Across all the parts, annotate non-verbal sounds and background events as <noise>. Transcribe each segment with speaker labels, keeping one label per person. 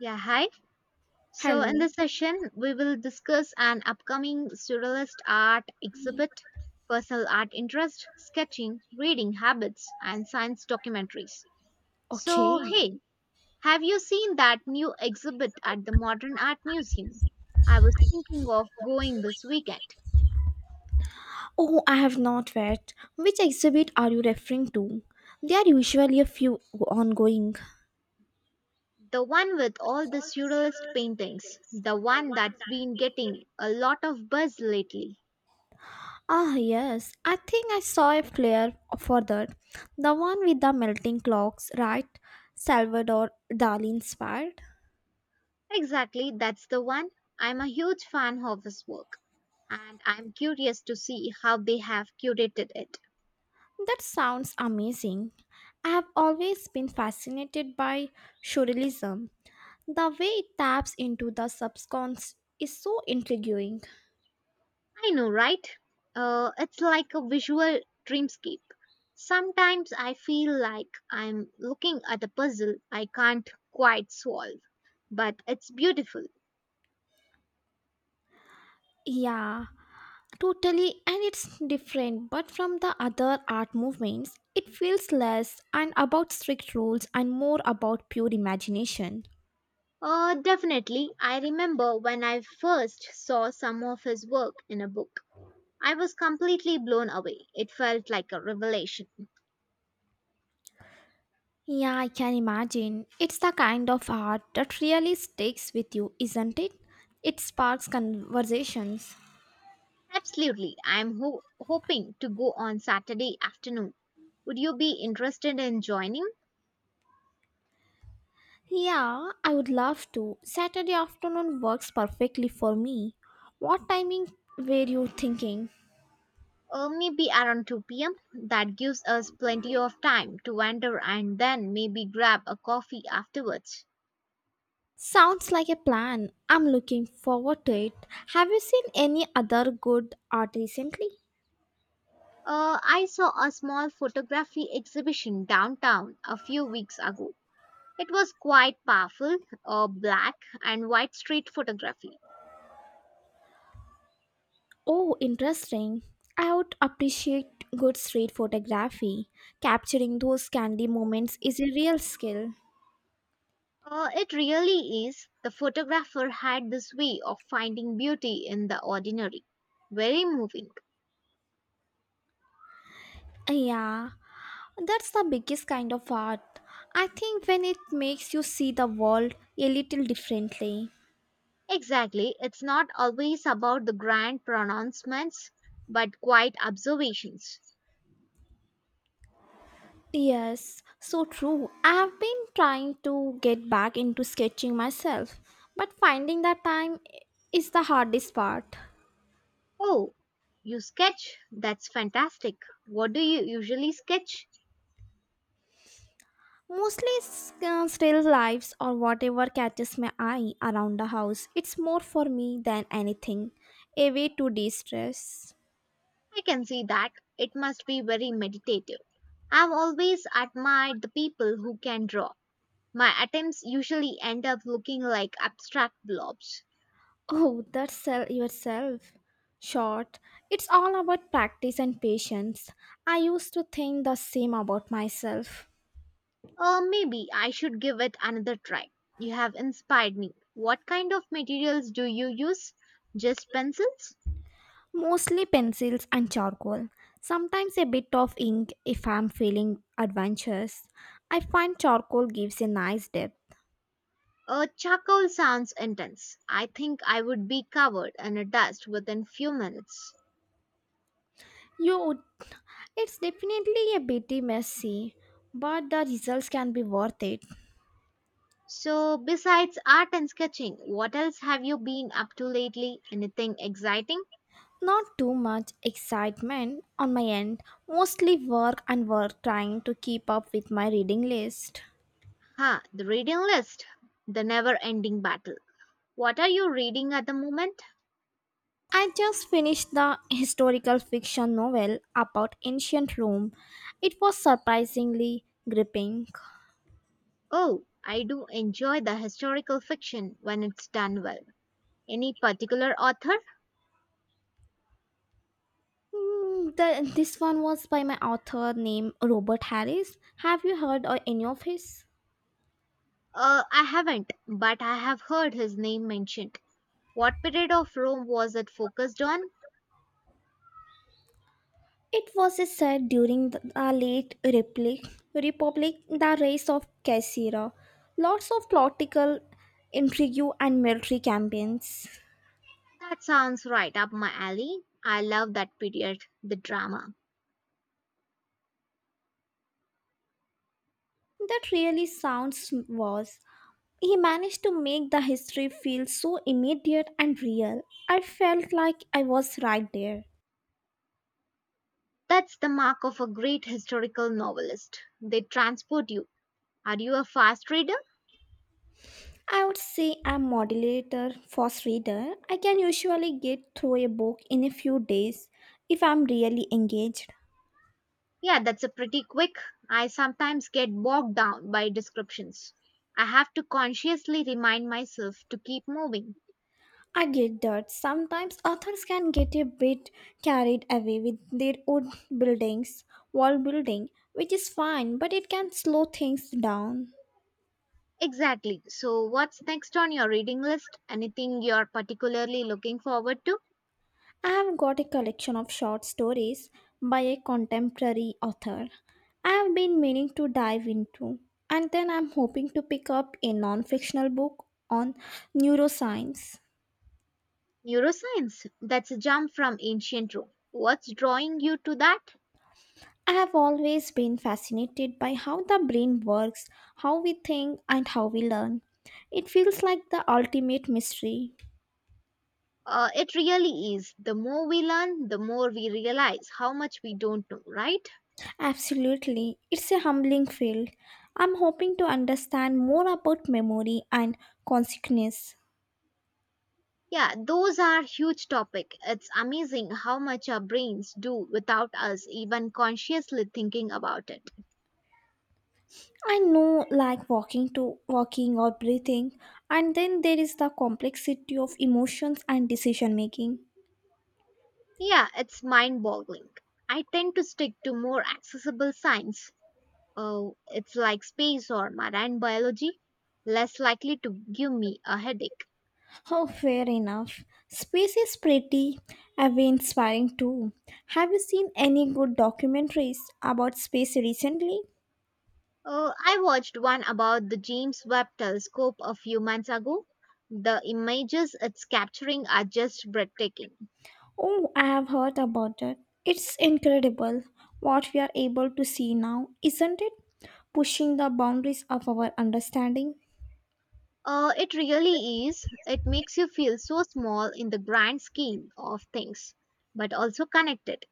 Speaker 1: Yeah, hi. So,
Speaker 2: Hello.
Speaker 1: in this session, we will discuss an upcoming surrealist art exhibit, personal art interest, sketching, reading habits, and science documentaries.
Speaker 2: Okay.
Speaker 1: So, hey, have you seen that new exhibit at the Modern Art Museum? I was thinking of going this weekend.
Speaker 2: Oh, I have not yet. Which exhibit are you referring to? There are usually a few ongoing.
Speaker 1: The one with all the surrealist paintings, the one that's been getting a lot of buzz lately.
Speaker 2: Ah, yes. I think I saw a flyer for that. The one with the melting clocks, right? Salvador Dali inspired.
Speaker 1: Exactly, that's the one. I'm a huge fan of his work, and I'm curious to see how they have curated it.
Speaker 2: That sounds amazing. I have always been fascinated by surrealism. The way it taps into the subconscious is so intriguing.
Speaker 1: I know, right? It's like a visual dreamscape. Sometimes I feel like I'm looking at a puzzle I can't quite solve, but it's beautiful.
Speaker 2: Yeah, totally, and it's different, but from the other art movements, it feels less and about strict rules and more about pure imagination.
Speaker 1: Definitely, I remember when I first saw some of his work in a book. I was completely blown away. It felt like a revelation.
Speaker 2: Yeah, I can imagine. It's the kind of art that really sticks with you, isn't it? It sparks conversations.
Speaker 1: Absolutely. I'm hoping to go on Saturday afternoon. Would you be interested in joining?
Speaker 2: Yeah, I would love to. Saturday afternoon works perfectly for me. What timing were you thinking?
Speaker 1: Maybe around 2 p.m. That gives us plenty of time to wander and then maybe grab a coffee afterwards.
Speaker 2: Sounds like a plan. I'm looking forward to it. Have you seen any other good art recently?
Speaker 1: I saw a small photography exhibition downtown a few weeks ago. It was quite powerful, black and white street photography.
Speaker 2: Oh, interesting. I would appreciate good street photography. Capturing those candy moments is a real skill.
Speaker 1: It really is. The photographer had this way of finding beauty in the ordinary. Very moving.
Speaker 2: Yeah, that's the biggest kind of art. I think when it makes you see the world a little differently.
Speaker 1: Exactly. It's not always about the grand pronouncements, but quiet observations.
Speaker 2: Yes, so true. I've been trying to get back into sketching myself, but finding that time is the hardest part.
Speaker 1: Oh, you sketch? That's fantastic. What do you usually sketch?
Speaker 2: Mostly still lives or whatever catches my eye around the house. It's more for me than anything. A way to de stress.
Speaker 1: I can see that. It must be very meditative. I've always admired the people who can draw. My attempts usually end up looking like abstract blobs.
Speaker 2: Oh, that's sell yourself. Short. It's all about practice and patience. I used to think the same about myself.
Speaker 1: Maybe I should give it another try. You have inspired me. What kind of materials do you use? Just pencils?
Speaker 2: Mostly pencils and charcoal. Sometimes a bit of ink if I'm feeling adventurous. I find charcoal gives a nice depth.
Speaker 1: Charcoal sounds intense. I think I would be covered in a dust within few minutes.
Speaker 2: You would, it's definitely a bit messy, but the results can be worth it.
Speaker 1: So, besides art and sketching, what else have you been up to lately? Anything exciting?
Speaker 2: Not too much excitement on my end, mostly work and work trying to keep up with my reading list.
Speaker 1: Huh, the reading list. The never ending battle. What are you reading at the moment?
Speaker 2: I just finished the historical fiction novel about ancient Rome. It was surprisingly gripping.
Speaker 1: Oh, I do enjoy the historical fiction when it's done well. Any particular author?
Speaker 2: This one was by my author named Robert Harris. Have you heard of any of his?
Speaker 1: I haven't, but I have heard his name mentioned. What period of Rome was it focused on?
Speaker 2: It was said during the late Republic, Republic, the rise of Caesar. Lots of political intrigue and military campaigns.
Speaker 1: That sounds right up my alley. I love that period, the drama.
Speaker 2: That really sounds was. He managed to make the history feel so immediate and real. I felt like I was right there.
Speaker 1: That's the mark of a great historical novelist. They transport you. Are you a fast reader?
Speaker 2: I would say I'm moderator fast reader. I can usually get through a book in a few days if I'm really engaged.
Speaker 1: Yeah, that's a pretty quick. I sometimes get bogged down by descriptions. I have to consciously remind myself to keep moving.
Speaker 2: I get that sometimes authors can get a bit carried away with their own buildings, world building, which is fine, but it can slow things down.
Speaker 1: Exactly. So, what's next on your reading list? Anything you're particularly looking forward to?
Speaker 2: I have got a collection of short stories by a contemporary author I have been meaning to dive into, and then I'm hoping to pick up a non fictional book on neuroscience.
Speaker 1: Neuroscience. That's a jump from ancient Rome. What's drawing you to that?
Speaker 2: I have always been fascinated by how the brain works, how we think, and how we learn. It feels like the ultimate mystery.
Speaker 1: It really is. The more we learn, the more we realize how much we don't know, right?
Speaker 2: Absolutely, it's a humbling field. I'm hoping to understand more about memory and consciousness.
Speaker 1: Yeah, those are huge topic. It's amazing how much our brains do without us even consciously thinking about it.
Speaker 2: I know, like walking to walking or breathing, and then there is the complexity of emotions and decision making.
Speaker 1: Yeah, it's mind-boggling. I tend to stick to more accessible science. Oh, it's like space or marine biology, less likely to give me a headache.
Speaker 2: Oh, fair enough. Space is pretty away inspiring too. Have you seen any good documentaries about space recently?
Speaker 1: Oh, I watched one about the James Webb telescope a few months ago. The images it's capturing are just breathtaking.
Speaker 2: Oh, I have heard about that. It's incredible what we are able to see now, isn't it? Pushing the boundaries of our understanding.
Speaker 1: It really is. It makes you feel so small in the grand scheme of things, but also connected.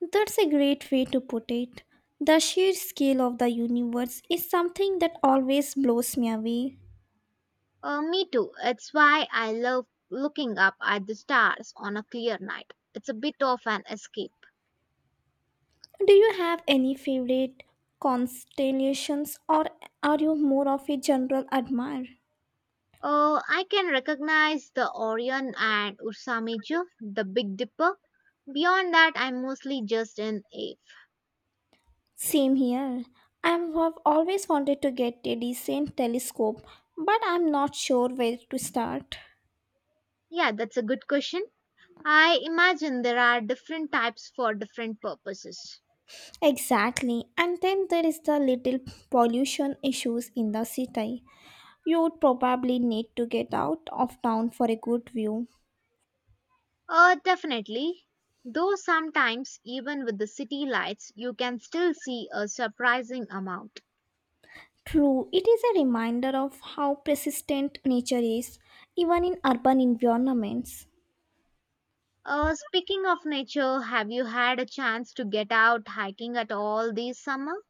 Speaker 2: That's a great way to put it. The sheer scale of the universe is something that always blows me away.
Speaker 1: Me too. It's why I love looking up at the stars on a clear night. It's a bit of an escape.
Speaker 2: Do you have any favorite constellations or are you more of a general admirer?
Speaker 1: Oh, I can recognize the Orion and Ursa Major, the Big Dipper. Beyond that, I'm mostly just in awe.
Speaker 2: Same here. I have always wanted to get a decent telescope, but I'm not sure where to start.
Speaker 1: Yeah, that's a good question. I imagine there are different types for different purposes.
Speaker 2: Exactly. And then there is the little pollution issues in the city. You would probably need to get out of town for a good view.
Speaker 1: Definitely. Though sometimes, even with the city lights, you can still see a surprising amount.
Speaker 2: True, it is a reminder of how persistent nature is, even in urban environments.
Speaker 1: Speaking of nature, have you had a chance to get out hiking at all this summer?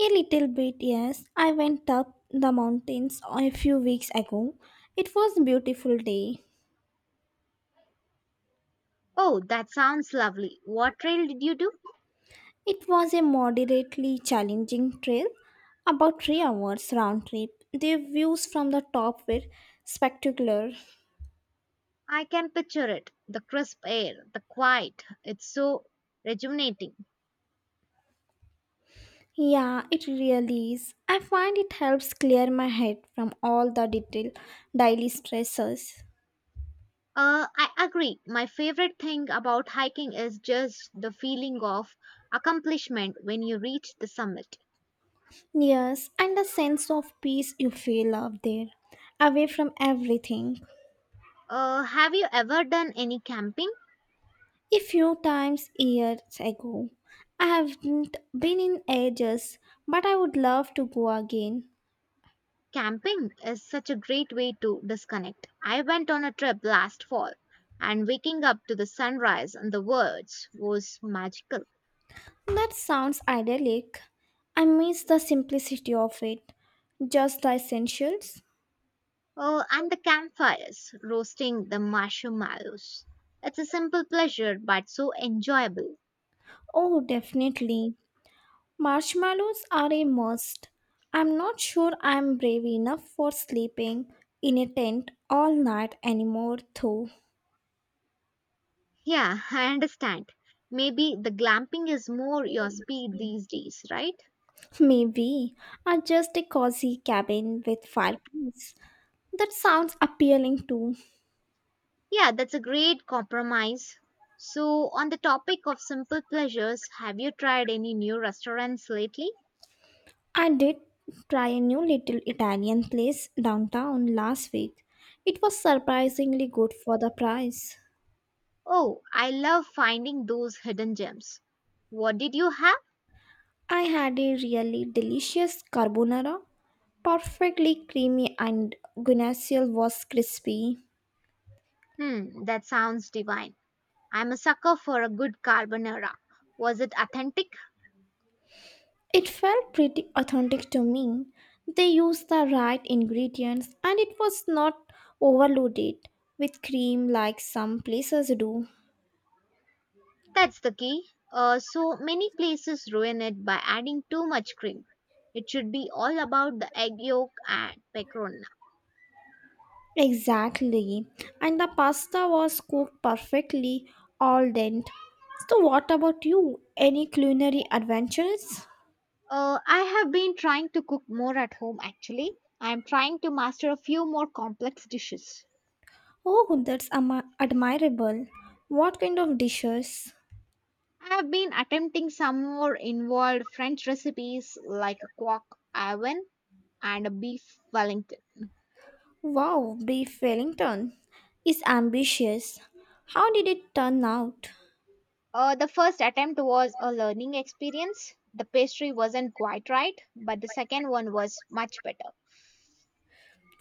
Speaker 2: A little bit, yes. I went up the mountains a few weeks ago. It was a beautiful day.
Speaker 1: Oh, that sounds lovely. What trail did you do?
Speaker 2: It was a moderately challenging trail, about 3 hours round trip. The views from the top were spectacular.
Speaker 1: I can picture it. The crisp air, the quiet. It's so rejuvenating.
Speaker 2: Yeah, it really is. I find it helps clear my head from all the detail daily stresses.
Speaker 1: I agree. My favorite thing about hiking is just the feeling of accomplishment when you reach the summit.
Speaker 2: Yes, and the sense of peace you feel out there, away from everything.
Speaker 1: Have you ever done any camping?
Speaker 2: A few times years ago, I haven't been in ages, but I would love to go again.
Speaker 1: Camping is such a great way to disconnect. I went on a trip last fall, and waking up to the sunrise and the birds was magical.
Speaker 2: That sounds idyllic. I miss the simplicity of it, just the essentials.
Speaker 1: Oh, and the campfires, roasting the marshmallows. It's a simple pleasure, but so enjoyable.
Speaker 2: Oh, definitely. Marshmallows are a must. I'm not sure I'm brave enough for sleeping in a tent all night anymore, though.
Speaker 1: Yeah, <laughs> I understand. Maybe the glamping is more your speed these days, right?
Speaker 2: Maybe, or just a cozy cabin with fireplace. That sounds appealing too.
Speaker 1: Yeah, that's a great compromise. So, on the topic of simple pleasures, have you tried any new restaurants lately?
Speaker 2: I did try a new little Italian place downtown last week. It was surprisingly good for the price.
Speaker 1: Oh, I love finding those hidden gems. What did you have?
Speaker 2: I had a really delicious carbonara, perfectly creamy and guinness was crispy.
Speaker 1: Hmm, that sounds divine. I'm a sucker for a good carbonara. Was it authentic?
Speaker 2: It felt pretty authentic to me. They used the right ingredients and it was not overloaded with cream like some places do.
Speaker 1: That's the key. So many places ruin it by adding too much cream. It should be all about the egg yolk and pecorino.
Speaker 2: Exactly. And the pasta was cooked perfectly, al dente. So, what about you? Any culinary adventures?
Speaker 1: I have been trying to cook more at home actually. I am trying to master a few more complex dishes.
Speaker 2: Oh, that's ama admirable. What kind of dishes?
Speaker 1: I have been attempting some more involved French recipes like a quark oven and a beef Wellington.
Speaker 2: Wow, beef Wellington is ambitious. How did it turn out?
Speaker 1: The first attempt was a learning experience. The pastry wasn't quite right, but the second one was much better.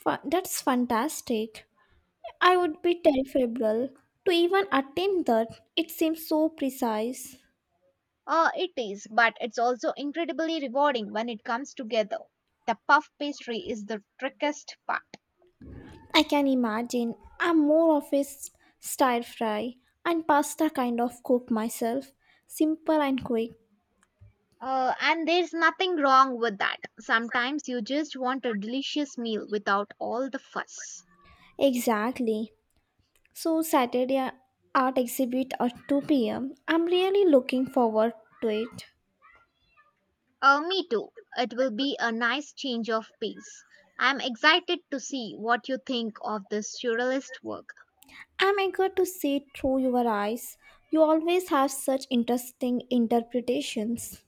Speaker 2: That's fantastic. I would be terrible to even attempt that. It seems so precise.
Speaker 1: It is, but it's also incredibly rewarding when it comes together. The puff pastry is the trickiest part.
Speaker 2: I can imagine. I'm more of a stir fry and pasta kind of cook myself. Simple and quick.
Speaker 1: And there's nothing wrong with that. Sometimes you just want a delicious meal without all the fuss.
Speaker 2: Exactly. So Saturday art exhibit at 2 p.m. I'm really looking forward to it.
Speaker 1: Me too. It will be a nice change of pace. I'm excited to see what you think of this surrealist work.
Speaker 2: I'm eager to see through your eyes. You always have such interesting interpretations.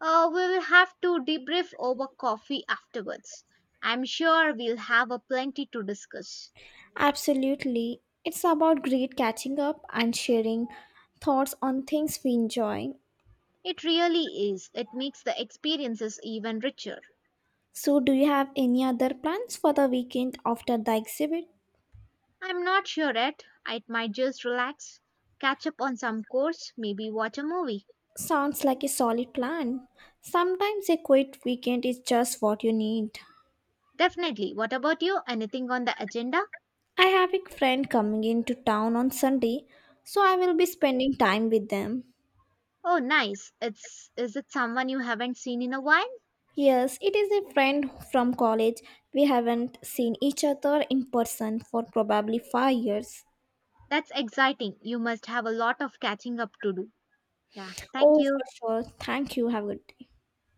Speaker 1: We will have to debrief over coffee afterwards. I'm sure we'll have a plenty to discuss.
Speaker 2: Absolutely. It's about great catching up and sharing thoughts on things we enjoy.
Speaker 1: It really is. It makes the experiences even richer.
Speaker 2: So, do you have any other plans for the weekend after the exhibit?
Speaker 1: I'm not sure yet. I might just relax, catch up on some course, maybe watch a movie.
Speaker 2: Sounds like a solid plan. Sometimes a quiet weekend is just what you need.
Speaker 1: Definitely. What about you? Anything on the agenda?
Speaker 2: I have a friend coming into town on Sunday, so I will be spending time with them.
Speaker 1: Oh, nice. It's is it someone you haven't seen in a while?
Speaker 2: Yes, it is a friend from college. We haven't seen each other in person for probably 5 years.
Speaker 1: That's exciting. You must have a lot of catching up to do. Yeah, thank
Speaker 2: Oh,
Speaker 1: you.
Speaker 2: for sure. Thank you. Have a good day.